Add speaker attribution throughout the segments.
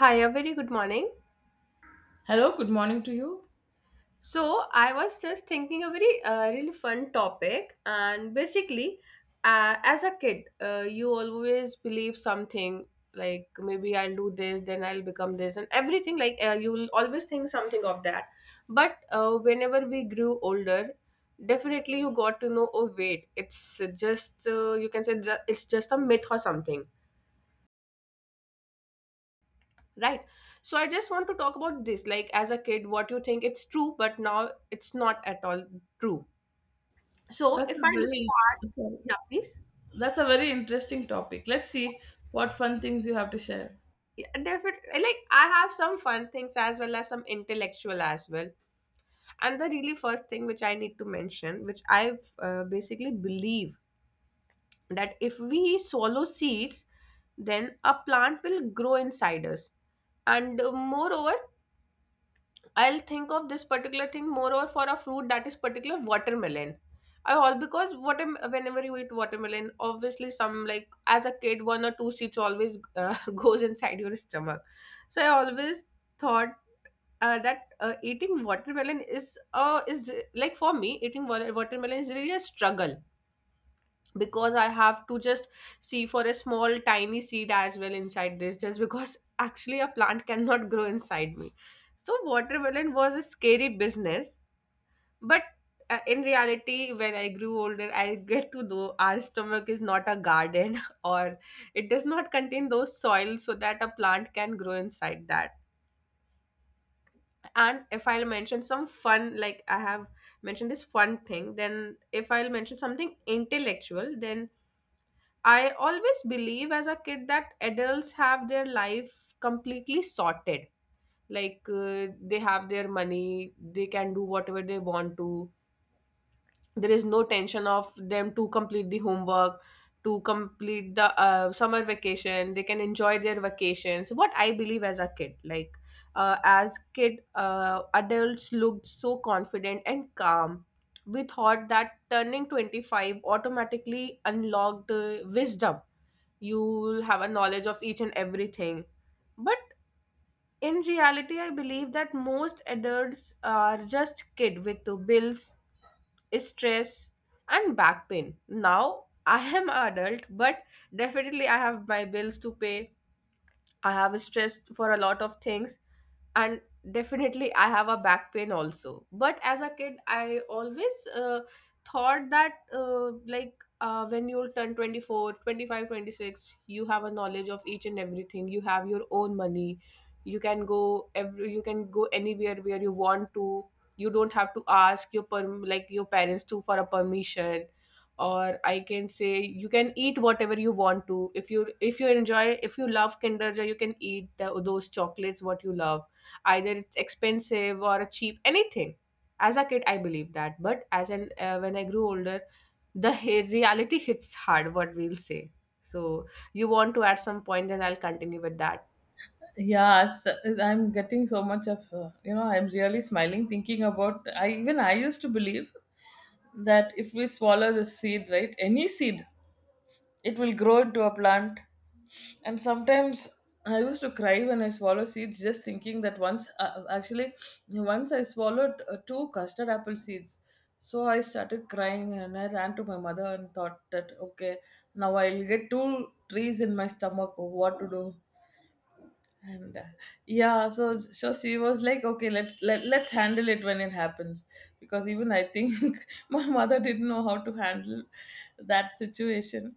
Speaker 1: Hi, a very good morning.
Speaker 2: Hello, good morning to you.
Speaker 1: So, I was just thinking a very really fun topic, and basically, as a kid, you always believe something like maybe I'll do this, then I'll become this, and everything like you'll always think something of that. But whenever we grew older, definitely you got to know, oh wait, it's just you can say it's just a myth or something. Right. So I just want to talk about this. Like, as a kid, what you think it's true, but now it's not at all true. So
Speaker 2: That's
Speaker 1: if
Speaker 2: a
Speaker 1: I
Speaker 2: very
Speaker 1: start,
Speaker 2: Sorry.
Speaker 1: yeah, please.
Speaker 2: That's a very interesting topic. Let's see what fun things you have to share.
Speaker 1: Yeah, definitely. Like, I have some fun things as well as some intellectual as well. And the really first thing which I need to mention, which I basically believe that if we swallow seeds, then a plant will grow inside us. And moreover, I'll think of this particular thing more or for a fruit that is particular watermelon. I all because water whenever you eat watermelon, obviously some like as a kid one or two seeds always goes inside your stomach. So I always thought that eating watermelon is like for me eating watermelon is really a struggle because I have to just see for a small tiny seed as well inside this, just because actually a plant cannot grow inside me. So, watermelon was a scary business, but in reality, when I grew older, I get to know our stomach is not a garden or it does not contain those soil so that a plant can grow inside that. And if I'll mention some fun, like I have mentioned this fun thing, then if I'll mention something intellectual, then I always believe as a kid that adults have their life completely sorted. Like they have their money, they can do whatever they want to. There is no tension of them to complete the homework, to complete the summer vacation. They can enjoy their vacations. What I believe as a kid, like as kid, adults looked so confident and calm. We thought that turning 25 automatically unlocked wisdom. You'll have a knowledge of each and everything, but in reality, I believe that most adults are just kid with the bills, stress, and back pain. Now I am a adult, but definitely I have my bills to pay. I have stress for a lot of things, and definitely I have a back pain also. But as a kid, I always thought that like when you'll turn 24, 25, 26, you have a knowledge of each and everything. You have your own money. You can go every you can go anywhere where you want to. You don't have to ask your perm like your parents to for a permission. Or I can say you can eat whatever you want to, if you enjoy. If you love kinder joy, you can eat those chocolates what you love, either it's expensive or a cheap, anything. As a kid I believed that, but as an when I grew older, reality hits hard, what we'll say. So you want to add some point and I'll continue with that.
Speaker 2: Yeah, I'm getting so much of, you know. I'm really smiling thinking about. I even I used to believe that if we swallow the seed, right, any seed, it will grow into a plant, and sometimes I used to cry when I swallow seeds, just thinking that once I swallowed two custard apple seeds. So I started crying and I ran to my mother and thought that, okay, now I'll get two trees in my stomach, what to do. And yeah, so she was like, okay, let's handle it when it happens, because even I think my mother didn't know how to handle that situation.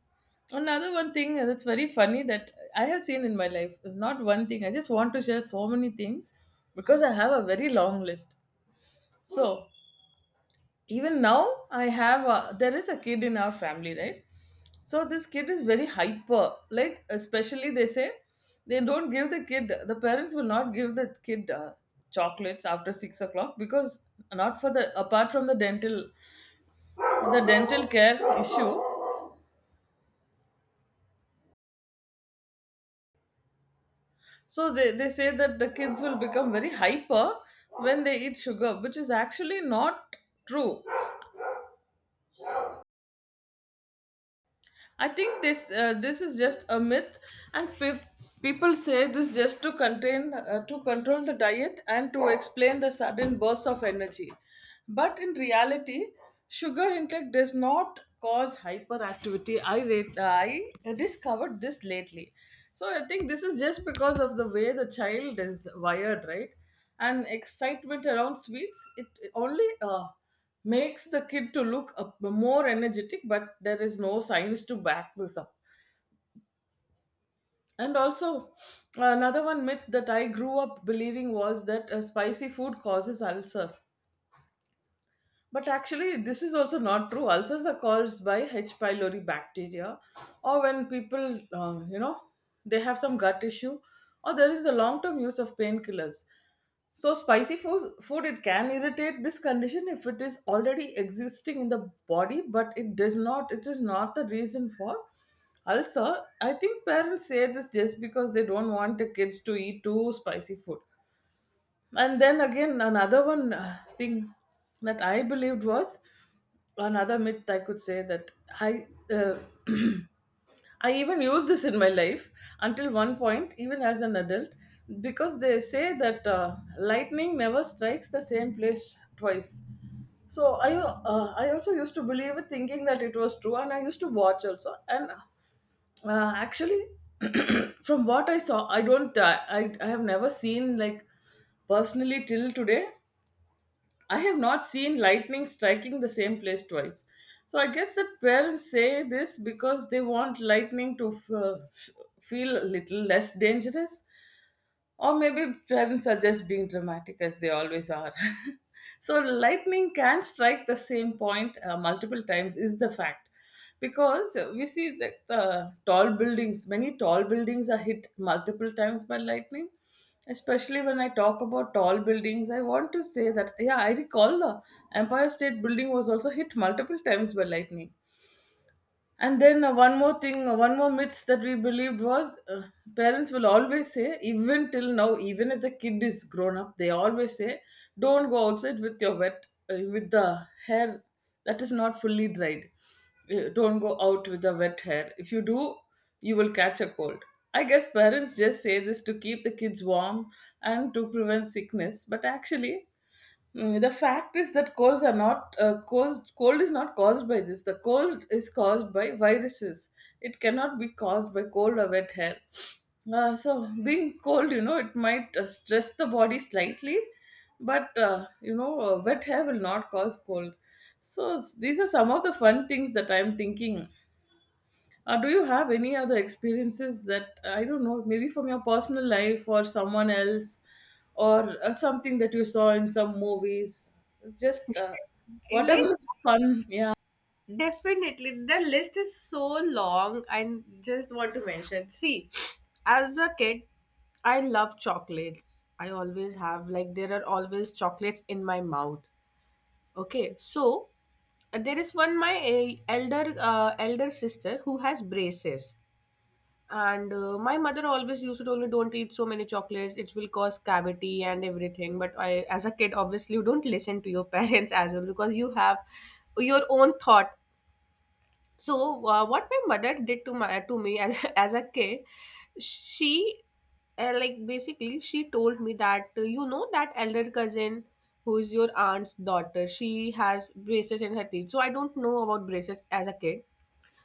Speaker 2: Another one thing that's very funny that I have seen in my life, not one thing, I just want to share so many things, because I have a very long list. So even now I have there is a kid in our family, right? So this kid is very hyper. Like, especially they say the parents will not give the kid chocolates after 6 o'clock, because not for the apart from the dental, the dental care issue. So they say that the kids will become very hyper when they eat sugar, which is actually not true. I think this this is just a myth, and people say this just to contain, to control the diet and to explain the sudden burst of energy. But in reality, sugar intake does not cause hyperactivity. I discovered this lately, so I think this is just because of the way the child is wired, right? And excitement around sweets, it only, uh, makes the kid to look up more energetic, but there is no science to back this up. And also, another one myth that I grew up believing was that spicy food causes ulcers, but actually this is also not true. Ulcers are caused by H pylori bacteria, or when people, you know, they have some gut issue, or there is the long term use of painkillers. So spicy food it can irritate this condition if it is already existing in the body, but it does not. It is not the reason for ulcer. I think parents say this just because they don't want the kids to eat too spicy food. And then again, another one thing that I believed was another myth I could say that I. Uh, I even use this in my life until one point, even as an adult, because they say that lightning never strikes the same place twice. So I also used to believe it, thinking that it was true, and I used to watch also. And actually, from what I saw, I don't. I have never seen like personally till today. I have not seen lightning striking the same place twice. So I guess that parents say this because they want lightning to f- f- feel a little less dangerous. Or maybe parents are just being dramatic as they always are. so, lightning can strike the same point multiple times, is the fact. Because we see like the tall buildings, many tall buildings are hit multiple times by lightning. Especially when I talk about tall buildings, I want to say that, yeah, I recall the Empire State Building was also hit multiple times by lightning. And then one more myth that we believed was parents will always say, even till now, even if the kid is grown up, they always say, don't go outside with your wet, with the hair that is not fully dried. Don't go out with the wet hair. If you do, you will catch a cold. I guess parents just say this to keep the kids warm and to prevent sickness. But actually, the fact is that colds are not, caused. Cold is not caused by this. The cold is caused by viruses. It cannot be caused by cold or wet hair. So being cold, it might stress the body slightly, but wet hair will not cause cold. So these are some of the fun things that I'm thinking. Do you have any other experiences that, I don't know, maybe from your personal life or someone else, or something that you saw in some movies? Just,
Speaker 1: I like,
Speaker 2: whatever's fun. Yeah,
Speaker 1: definitely the list is so long. I just want to mention, see, as a kid I love chocolates. I always have, like there are always chocolates in my mouth. Okay, so there is one my elder elder sister who has braces, and my mother always used to tell me, "Don't eat so many chocolates; it will cause cavity and everything." But I, as a kid, obviously you don't listen to your parents as well because you have your own thought. So, what my mother did to me as as a kid, she like basically she told me that you know that elder cousin who is your aunt's daughter, she has braces in her teeth. So I don't know about braces as a kid.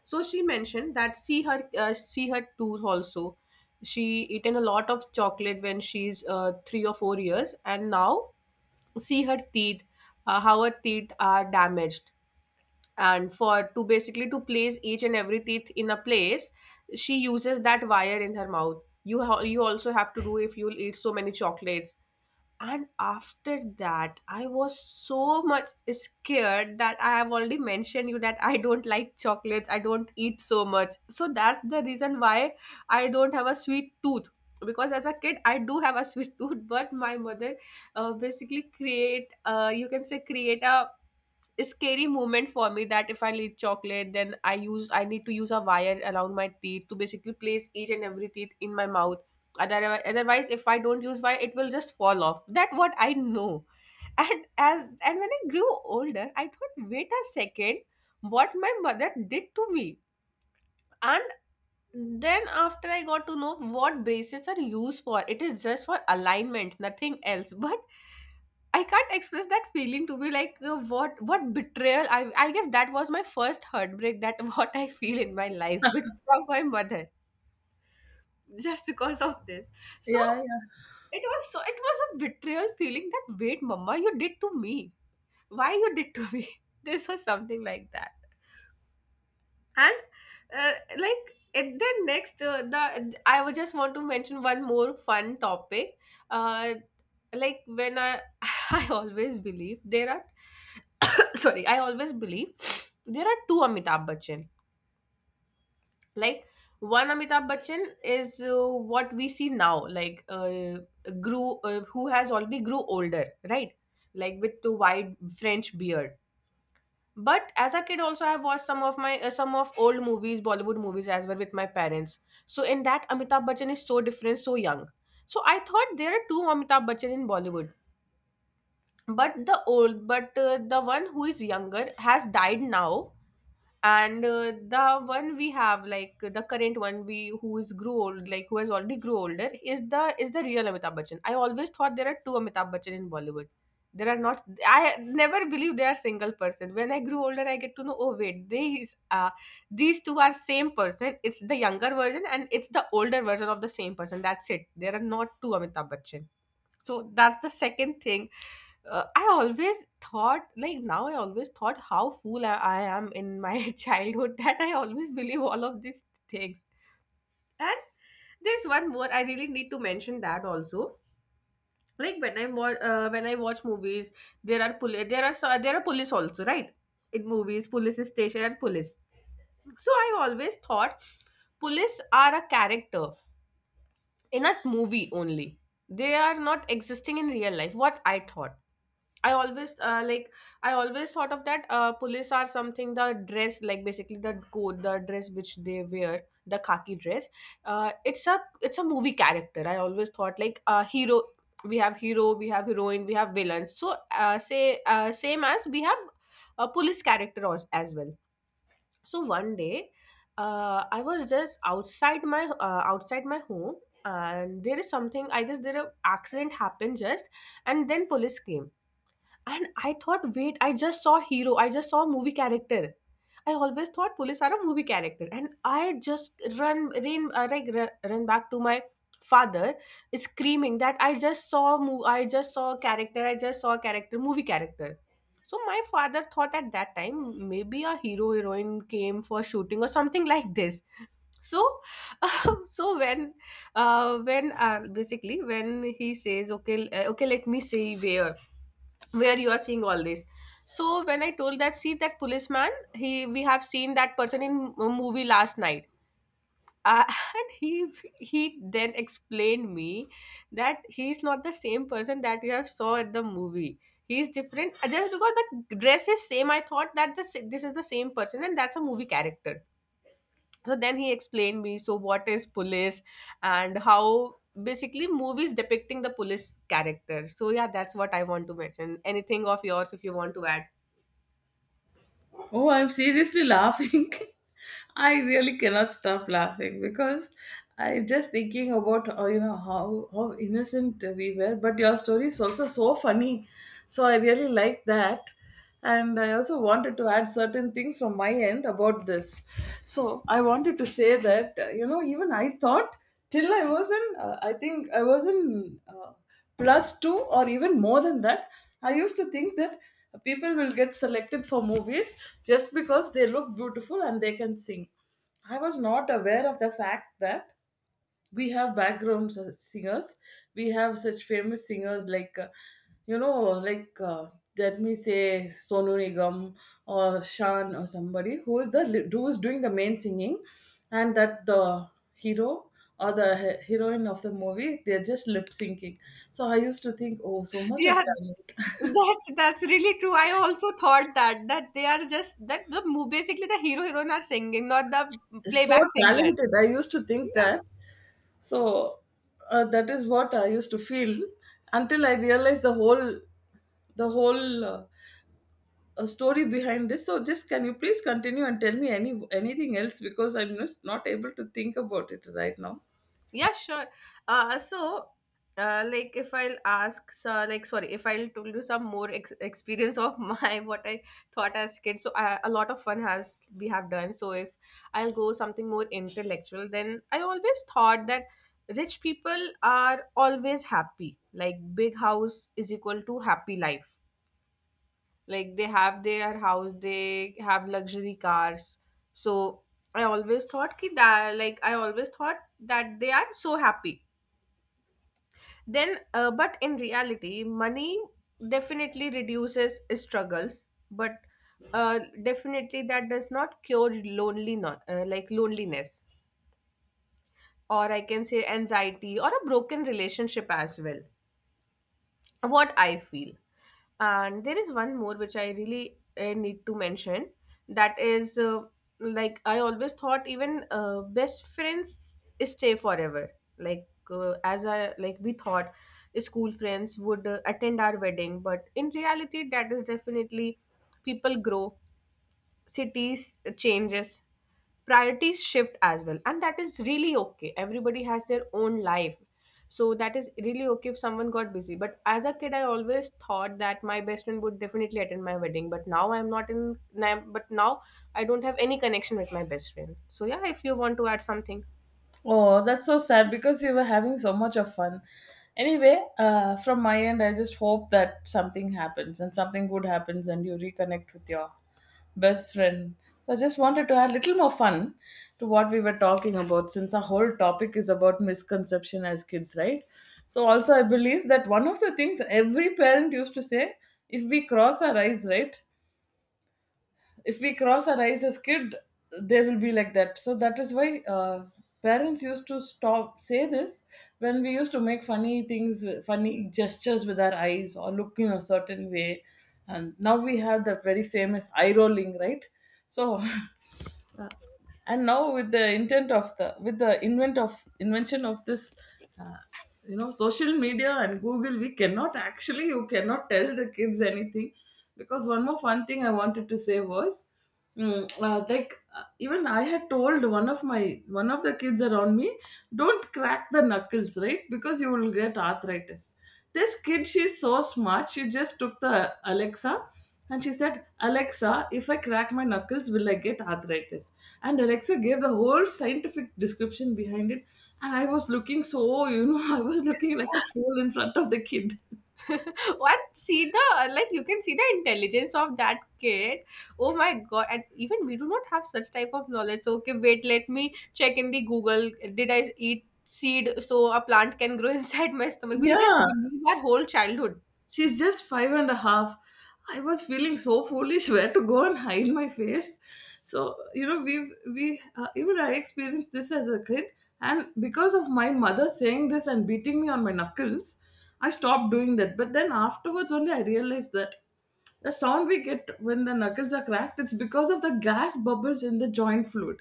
Speaker 1: So she mentioned that see her tooth also. She eaten a lot of chocolate when she's three or four years, and now see her teeth, how her teeth are damaged, and for to basically to place each and every teeth in a place, she uses that wire in her mouth. You also have to do if you'll eat so many chocolates. And after that I was so much scared that I have already mentioned you, that I don't like chocolates, I don't eat so much. So that's the reason why I don't have a sweet tooth, because as a kid I do have a sweet tooth, but my mother basically create, you can say, create a scary moment for me that if I eat chocolate, then I need to use a wire around my teeth to basically place each and every teeth in my mouth. Otherwise, if I don't use wire, it will just fall off. That what I know. And as and when I grew older, I thought, wait a second, what my mother did to me. And then after I got to know what braces are used for, it is just for alignment, nothing else. But I can't express that feeling, to be like what betrayal. I guess that was my first heartbreak. That what I feel in my life with from my mother, just because of this. So
Speaker 2: yeah.
Speaker 1: it was, so it was a betrayal feeling, that wait, mama, you did to me. Why you did to me? This was something like that. And like, and then next the I would just want to mention one more fun topic. uh like when I I always believe there are sorry, I always believe there are two Amitabh Bachchan. Like one Amitabh Bachchan is what we see now, like grew who has already grew older, right? Like with the wide french beard. But as a kid also I have watched some of my some of old movies, Bollywood movies as well with my parents. So in that Amitabh Bachchan is so different, so young. So I thought there are two Amitabh Bachchan in Bollywood. But the old, but the one who is younger has died now, and the one we have, like the current one, we who is grew old, like who has already grew older, is the, is the real Amitabh Bachchan. I always thought there are two Amitabh Bachchan in Bollywood. There are not. I never believe they are single person. When I grew older, I get to know, oh wait, these two are same person. It's the younger version and it's the older version of the same person, that's it. There are not two Amitabh Bachchan. So that's the second thing. I always thought, like now, I always thought how fool I am in my childhood, that I always believe all of these things. And there's one more I really need to mention, that also. Like when I watch, when I watch movies, there are police, there are there are police also, right? In movies, police station and police. So I always thought police are a character in a movie only. They are not existing in real life. What I thought, I always like I always thought of that police are something, the dress, like basically the coat, the dress which they wear, the khaki dress. It's a, it's a movie character. I always thought like a hero, we have hero, we have heroine, we have villains. So say same as we have a police character as well. So one day I was just outside my home, and there is something, I guess there a accident happened just, and then police came, and I thought, wait, I just saw hero. I just saw movie character. I always thought police are a movie character, and I just ran, like run back to my father, screaming that I just saw, I just saw character. I just saw character, movie character. So my father thought at that time maybe a hero heroine came for shooting or something like this. So, so when basically when he says, okay, let me see where you are seeing all this. So when I told, that see, that policeman, he, we have seen that person in a movie last night. uh, and he then explained me that he is not the same person that you have saw at the movie. He is different just because the dress is same. I thought that this is the same person and that's a movie character. So then he explained me, so what is police and how basically movies depicting the police character. So yeah, that's what I want to mention. Anything of yours if you want to add?
Speaker 2: Oh, I'm seriously laughing. I really cannot stop laughing, because I'm just thinking about, you know, how innocent we were. But your story is also so funny, so I really like that. And I also wanted to add certain things from my end about this. So I wanted to say that even I thought, till I was in, I think I was in, plus two or even more than that. I used to think that people will get selected for movies just because they look beautiful and they can sing. I was not aware of the fact that we have background singers. We have such famous singers like, you know like uh, let me say, Sonu Nigam or Shan, or somebody who is the who is doing the main singing, and that the hero or the heroine of the movie, they're just lip syncing. So I used to think, oh, so much of
Speaker 1: Yeah,
Speaker 2: talent.
Speaker 1: that's really true. I also thought that they are just basically the hero heroine are singing, not the
Speaker 2: So
Speaker 1: playback singer.
Speaker 2: talented, I used to think that. So, that is what I used to feel, until I realized the whole story behind this. So just, can you please continue and tell me anything else, because I'm just not able to think about it right now.
Speaker 1: Yeah, sure. Uh, so, like, if I'll ask, so, like, sorry, if I'll tell you some more experience of my what I thought as kid. So, a lot of fun has we have done. So, if I'll go something more intellectual, then I always thought that rich people are always happy. Like, big house is equal to happy life. Like, they have their house, they have luxury cars. So, I always thought that they are so happy. Then But in reality, money definitely reduces struggles, but definitely that does not cure loneliness, like loneliness, or I can say anxiety or a broken relationship as well, what I feel. And there is one more which I really need to mention. That is, like I always thought even best friends stay forever. Like as I like we thought school friends would attend our wedding, but in reality, that is definitely, people grow, cities changes, priorities shift as well, and that is really okay, everybody has their own life. So that is really okay if someone got busy. But as a kid, I always thought that my best friend would definitely attend my wedding. But now I'm not in now- but now I don't have any connection with my best friend. So yeah, if you want to add something?
Speaker 2: Oh, that's so sad, because you were having so much of fun. Anyway, from my end, I just hope that something happens and something good happens and you reconnect with your best friend. I just wanted to add a little more fun to what we were talking about, since our whole topic is about misconception as kids, right? So, also, I believe that one of the things every parent used to say, if we cross our eyes, right? If we cross our eyes as kid, they will be like that. So that is why, parents used to stop, say this when we used to make funny things, funny gestures with our eyes or look in a certain way. And now we have that very famous eye rolling, right? So and now with the intent of the, with the invention of this, uh, you know, social media and Google, we cannot actually you cannot tell the kids anything. Because one more fun thing I wanted to say was, even I had told one of the kids around me, don't crack the knuckles, right, because you will get arthritis. This kid, she's so smart, she just took the Alexa, and she said, Alexa, if I crack my knuckles, will I get arthritis? And Alexa gave the whole scientific description behind it. And I was looking so, you know, I was looking like a fool in front of the kid.
Speaker 1: One see the like You can see the intelligence of that kid. Oh my god! And even we do not have such type of knowledge. So okay, wait, let me check in the Google. Did I eat seed so a plant can grow inside my stomach? We'll just
Speaker 2: Yeah.
Speaker 1: believe our whole childhood.
Speaker 2: She's just five and a half. I was feeling so foolish, where to go and hide my face. So, you know, even I experienced this as a kid, and because of my mother saying this and beating me on my knuckles, I stopped doing that. But then afterwards only I realized that the sound we get when the knuckles are cracked, it's because of the gas bubbles in the joint fluid.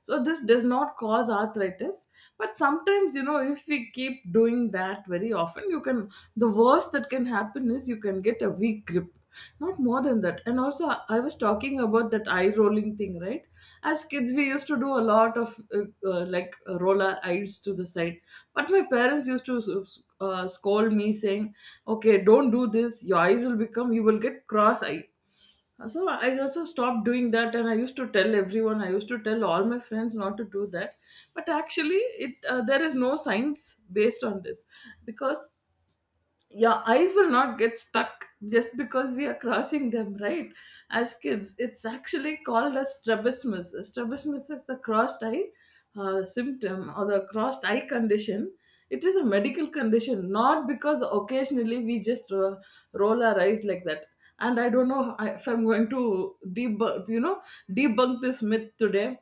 Speaker 2: So this does not cause arthritis, but sometimes, you know, if we keep doing that very often, you can, the worst that can happen is you can get a weak grip. Not more than that. And also, I was talking about that eye rolling thing, right? As kids, we used to do a lot of, roll our eyes to the side, but my parents used to scold me, saying, okay, don't do this, your eyes will become, you will get cross eyed. So I also stopped doing that, and I used to tell everyone, I used to tell all my friends not to do that. But actually, it, there is no science based on this, because your eyes will not get stuck just because we are crossing them, right? As kids, it's actually called as strabismus. Strabismus is the crossed eye, symptom, or the crossed eye condition. It is a medical condition, not because occasionally we just roll our eyes like that. And I don't know if I'm going to debunk, debunk this myth today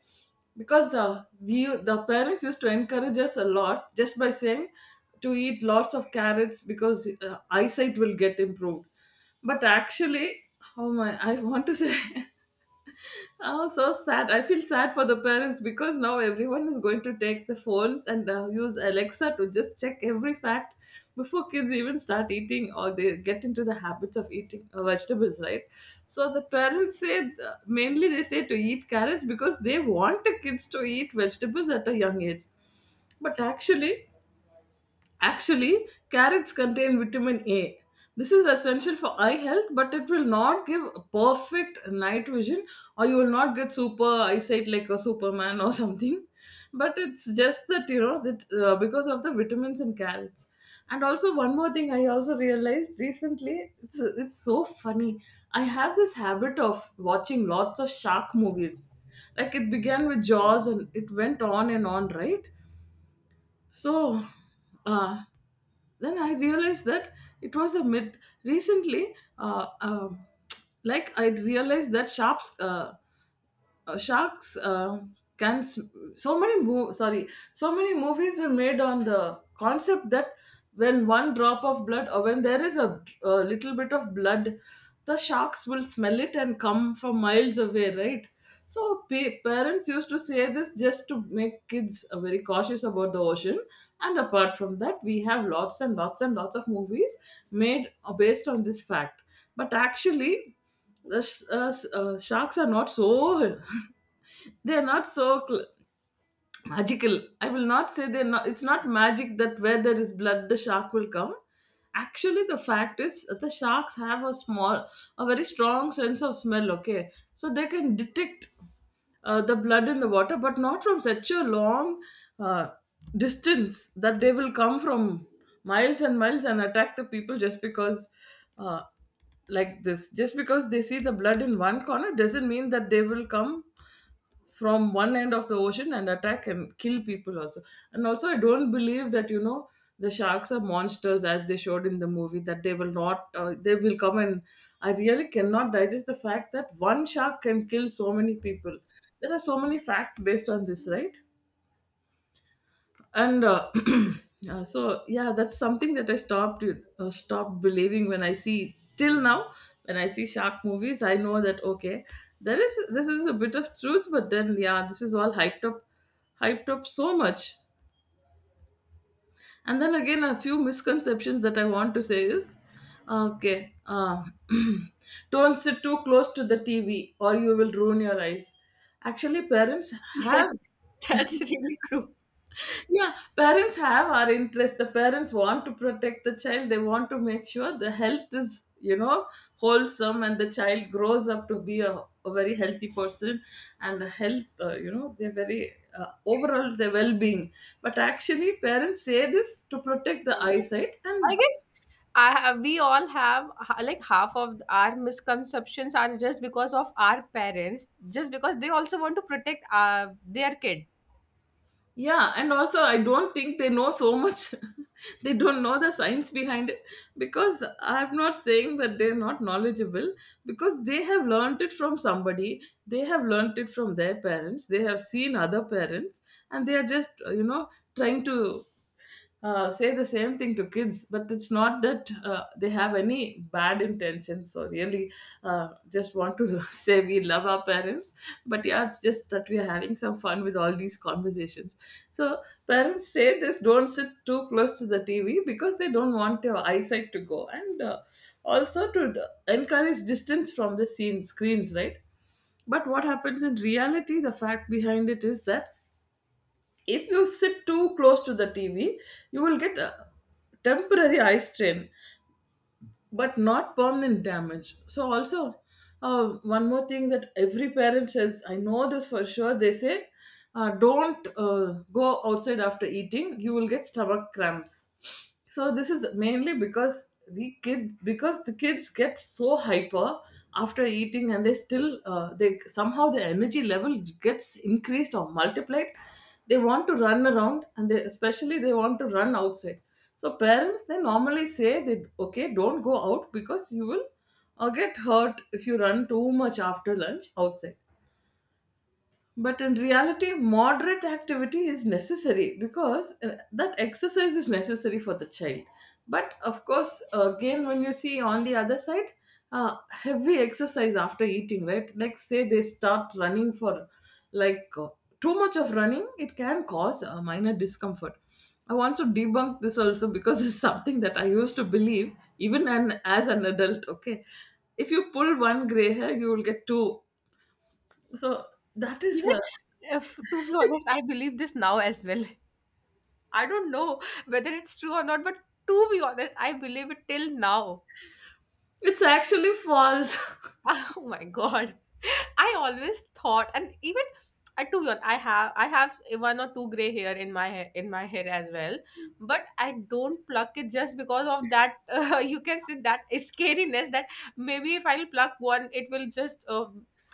Speaker 2: because we the parents used to encourage us a lot just by saying to eat lots of carrots because eyesight will get improved but actually oh my I want to say Oh, so sad. I feel sad for the parents because now everyone is going to take the phones and use Alexa to just check every fact before kids even start eating or they get into the habits of eating vegetables, right? So the parents say, mainly they say to eat carrots because they want the kids to eat vegetables at a young age. But actually, Actually, carrots contain vitamin A. This is essential for eye health, but it will not give perfect night vision, or you will not get super eyesight like a Superman or something. But it's just that you know that because of the vitamins in carrots. And also one more thing I also realized recently, it's so funny. I have this habit of watching lots of shark movies. Like it began with Jaws and it went on and on, right? So, uh, then I realized that it was a myth. Recently, like I realized that sharps. Sharks can sm- so many mo- sorry so many movies were made on the concept that when one drop of blood or when there is a little bit of blood, the sharks will smell it and come from miles away, right? So parents used to say this just to make kids very cautious about the ocean, and apart from that we have lots and lots and lots of movies made based on this fact. But actually, sharks are not so, they're not so magical. I will not say they're not, it's not magic that where there is blood the shark will come. Actually, the fact is the sharks have a very strong sense of smell. Okay, so they can detect the blood in the water, but not from such a long uh, distance that they will come from miles and miles and attack the people just because uh, like this just because they see the blood in one corner doesn't mean that they will come from one end of the ocean and attack and kill people also. And also, I don't believe that, you know, the sharks are monsters as they showed in the movie, that they will not they will come and I really cannot digest the fact that one shark can kill so many people. There are so many facts based on this, right? And so yeah, that's something that I stopped stopped believing. When I see till now, when I see shark movies, I know that okay, there is this is a bit of truth, but then yeah, this is all hyped up, hyped up so much. And then again, a few misconceptions that I want to say is okay, don't sit too close to the TV or you will ruin your eyes. Actually, parents have
Speaker 1: Yes, that's really true.
Speaker 2: yeah, parents have our interest. The parents want to protect the child, they want to make sure the health is, you know, wholesome, and the child grows up to be a very healthy person and a health you know, they're very overall their well-being. But actually, parents say this to protect the
Speaker 1: Mm.
Speaker 2: eyesight.
Speaker 1: I
Speaker 2: And
Speaker 1: guess we all like half of our misconceptions are just because of our parents, just because they also want to protect their kid.
Speaker 2: yeah, and also I don't think they know so much. They don't know the science behind it, because I'm not saying that they're not knowledgeable, because they have learned it from somebody, they have learned it from their parents, they have seen other parents, and they are just you know, trying to say the same thing to kids. But it's not that they have any bad intentions, or really just want to say we love our parents. But yeah, it's just that we are having some fun with all these conversations. So parents say this, don't sit too close to the TV because they don't want your eyesight to go, and also to d- encourage distance from the scene screens, right? But what happens in reality, the fact behind it is that if you sit too close to the TV, you will get a temporary eye strain, but not permanent damage. So also, one more thing that every parent says, I know this for sure, they say, don't go outside after eating, you will get stomach cramps. So this is mainly because we kid because the kids get so hyper after eating, and they still they somehow the energy level gets increased or multiplied. They want to run around, and they especially they want to run outside. So parents, they normally say, they okay, don't go out because you will get hurt if you run too much after lunch outside. But in reality, moderate activity is necessary because that exercise is necessary for the child. But of course, again, when you see on the other side, heavy exercise after eating, right? Like, say they start running for like too much of running, it can cause a minor discomfort. I want to debunk this also because it's something that I used to believe as an adult. Okay, if you pull one gray hair, you will get two. So that is
Speaker 1: Even if, to be honest, I believe this now as well. I don't know whether it's true or not, but to be honest, I believe it till now.
Speaker 2: it's actually false.
Speaker 1: Oh my God. I always thought, and even I to be honest, I have one or two gray hair in my hair, as well, but I don't pluck it just because of that. You can say that scariness that maybe if I'll pluck one, it will just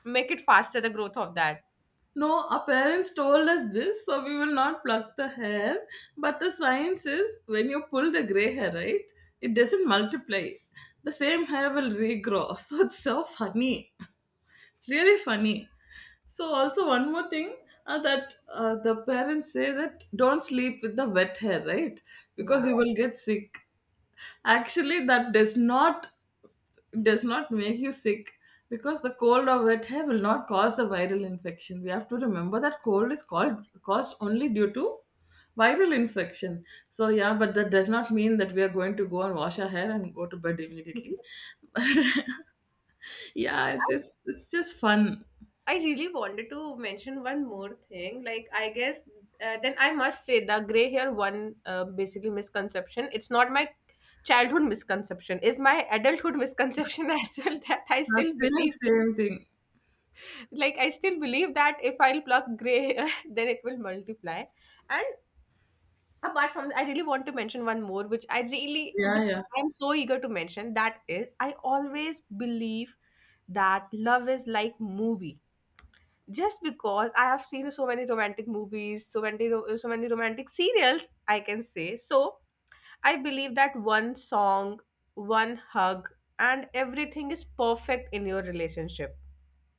Speaker 1: make it faster the growth of that.
Speaker 2: No, our parents told us this, so we will not pluck the hair. But the science is, when you pull the gray hair, right? It doesn't multiply. The same hair will regrow. So it's so funny. It's really funny. So also one more thing, that the parents say that don't sleep with the wet hair, right? Because
Speaker 1: Yeah.
Speaker 2: you will get sick. Actually, that does not, does not make you sick, because the cold or wet hair will not cause the viral infection. We have to remember that cold is called caused only due to viral infection. So yeah, but that does not mean that we are going to go and wash our hair and go to bed immediately. But yeah, it's just fun.
Speaker 1: I really wanted to mention one more thing. Like, I guess then I must say the gray hair one basically misconception. It's not my childhood misconception. It's my adulthood misconception as well that
Speaker 2: That's same same thing.
Speaker 1: I still believe that if I'll pluck gray hair, then it will multiply. And apart from, I really want to mention one more,
Speaker 2: Yeah,
Speaker 1: which
Speaker 2: yeah,
Speaker 1: I'm so eager to mention. That is, I always believe that love is like movie just because I have seen so many romantic movies, so many romantic serials, I can say. So I believe that one song, one hug, and everything is perfect in your relationship.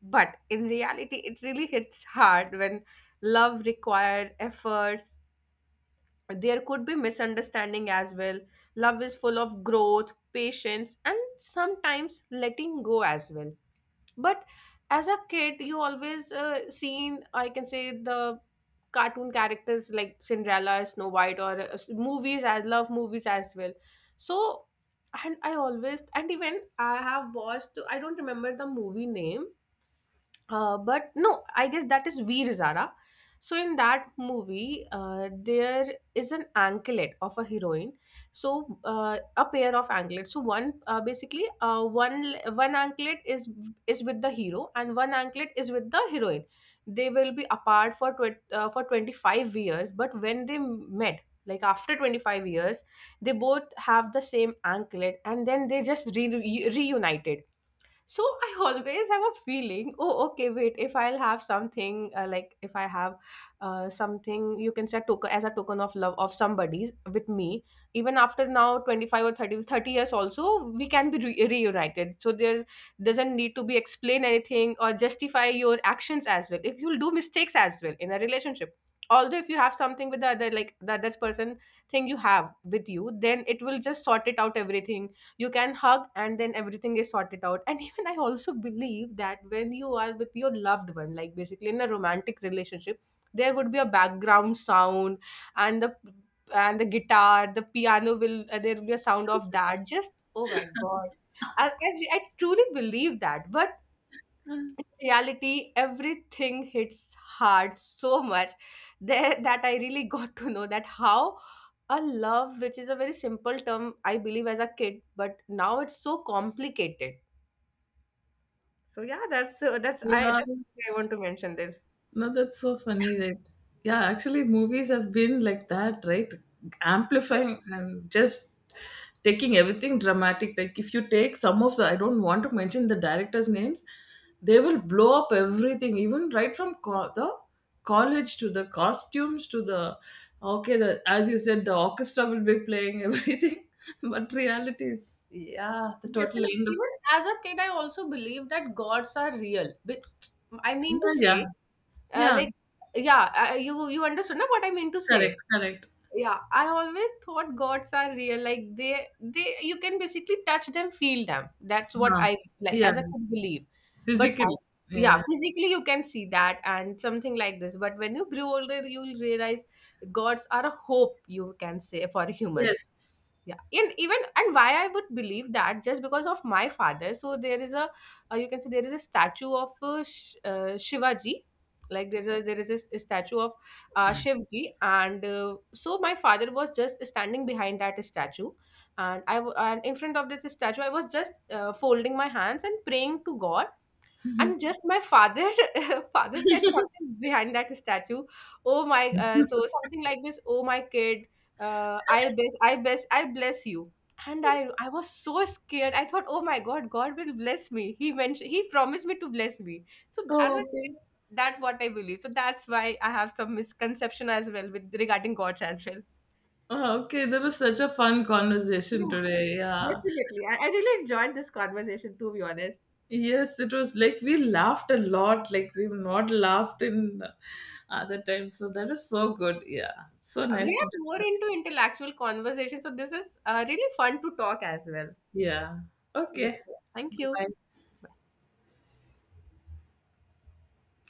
Speaker 1: But in reality, it really hits hard when love required efforts. There could be misunderstanding as well. Love is full of growth, patience, and sometimes letting go as well. But as a kid, you always seen, I can say, the cartoon characters like Cinderella, Snow White, or movies. I love movies as well. So, and even I have watched, I don't remember the movie name, but no, I guess that is Veer Zara. So in that movie, there is an anklet of a heroine. So a pair of anklets. So one basically one one anklet is with the hero and one anklet is with the heroine. They will be apart for 25 years. But when they met, like after 25 years, they both have the same anklet, and then they just reunited. So I always have a feeling, oh okay, wait, if I'll have something, like if I have something, you can say a token, as a token of love of somebody with me, even after now 25 or thirty years, also we can be reunited. So there doesn't need to be explain anything or justify your actions as well if you'll do mistakes as well in a relationship, although if you have something with the other, like the other person, thing you have with you, then it will just sort it out everything. You can hug and then everything is sorted out. And even I also believe that when you are with your loved one, like basically in a romantic relationship, there would be a background sound and the guitar, the piano will, there will be a sound of that. Just oh my god, I truly believe that, but reality, everything hits hard so much there that I really got to know that how a love which is a very simple term I believe as a kid, but now it's so complicated. So yeah, that's uh, that's i
Speaker 2: yeah.
Speaker 1: that's, why I want to mention this.
Speaker 2: No, that's so funny, right? Yeah, actually, movies have been like that, right? Amplifying and just taking everything dramatic. Like, if you take some of the, I don't want to mention the directors' names, they will blow up everything, even right from the college to the costumes to the, okay, the, as you said, the orchestra will be playing everything. But reality is, yeah, the total
Speaker 1: Definitely.
Speaker 2: end of,
Speaker 1: Even as a kid, I also believe that gods are real. But I mean to
Speaker 2: yeah, yeah,
Speaker 1: say,
Speaker 2: yeah,
Speaker 1: like, yeah, you understood na what I mean to say.
Speaker 2: correct, correct.
Speaker 1: Yeah, I always thought gods are real, like they you can basically touch them, feel them, that's what
Speaker 2: Huh.
Speaker 1: I, like,
Speaker 2: Yeah.
Speaker 1: as a kid, believe. but I,
Speaker 2: Physically.
Speaker 1: yeah,
Speaker 2: Yeah.
Speaker 1: physically you can see that and something like this. But when you grow older, you'll realize gods are a hope, you can say, for humans.
Speaker 2: Yes.
Speaker 1: Yeah, and even, and why I would believe that, just because of my father. So there is a you can say there is a statue of shivaji. There is a statue of shivji. And so my father was just standing behind that statue. And in front of this statue, I was just folding my hands and praying to god. And just my father father said something behind that statue. Oh my so Something like this, oh my kid, I bless you. And I was so scared, I thought, oh my god, god will bless me, he mentioned, he promised me to bless me. So as
Speaker 2: Oh,
Speaker 1: a
Speaker 2: okay.
Speaker 1: kid, that what I believe. So that's why I have some misconception as well with regarding gods as well.
Speaker 2: Oh, okay, that was such a fun conversation
Speaker 1: Yeah,
Speaker 2: today. Yeah.
Speaker 1: definitely, I really enjoyed this conversation, to be honest.
Speaker 2: Yes, it was like we laughed a lot, like we've not laughed in other times. So that was so good. Yeah. So
Speaker 1: Yeah,
Speaker 2: nice
Speaker 1: we
Speaker 2: to
Speaker 1: are more
Speaker 2: discuss.
Speaker 1: into intellectual conversation, so this is really fun to talk as well.
Speaker 2: Yeah.
Speaker 1: Yes.
Speaker 2: Okay.
Speaker 1: Thank you.
Speaker 2: Bye.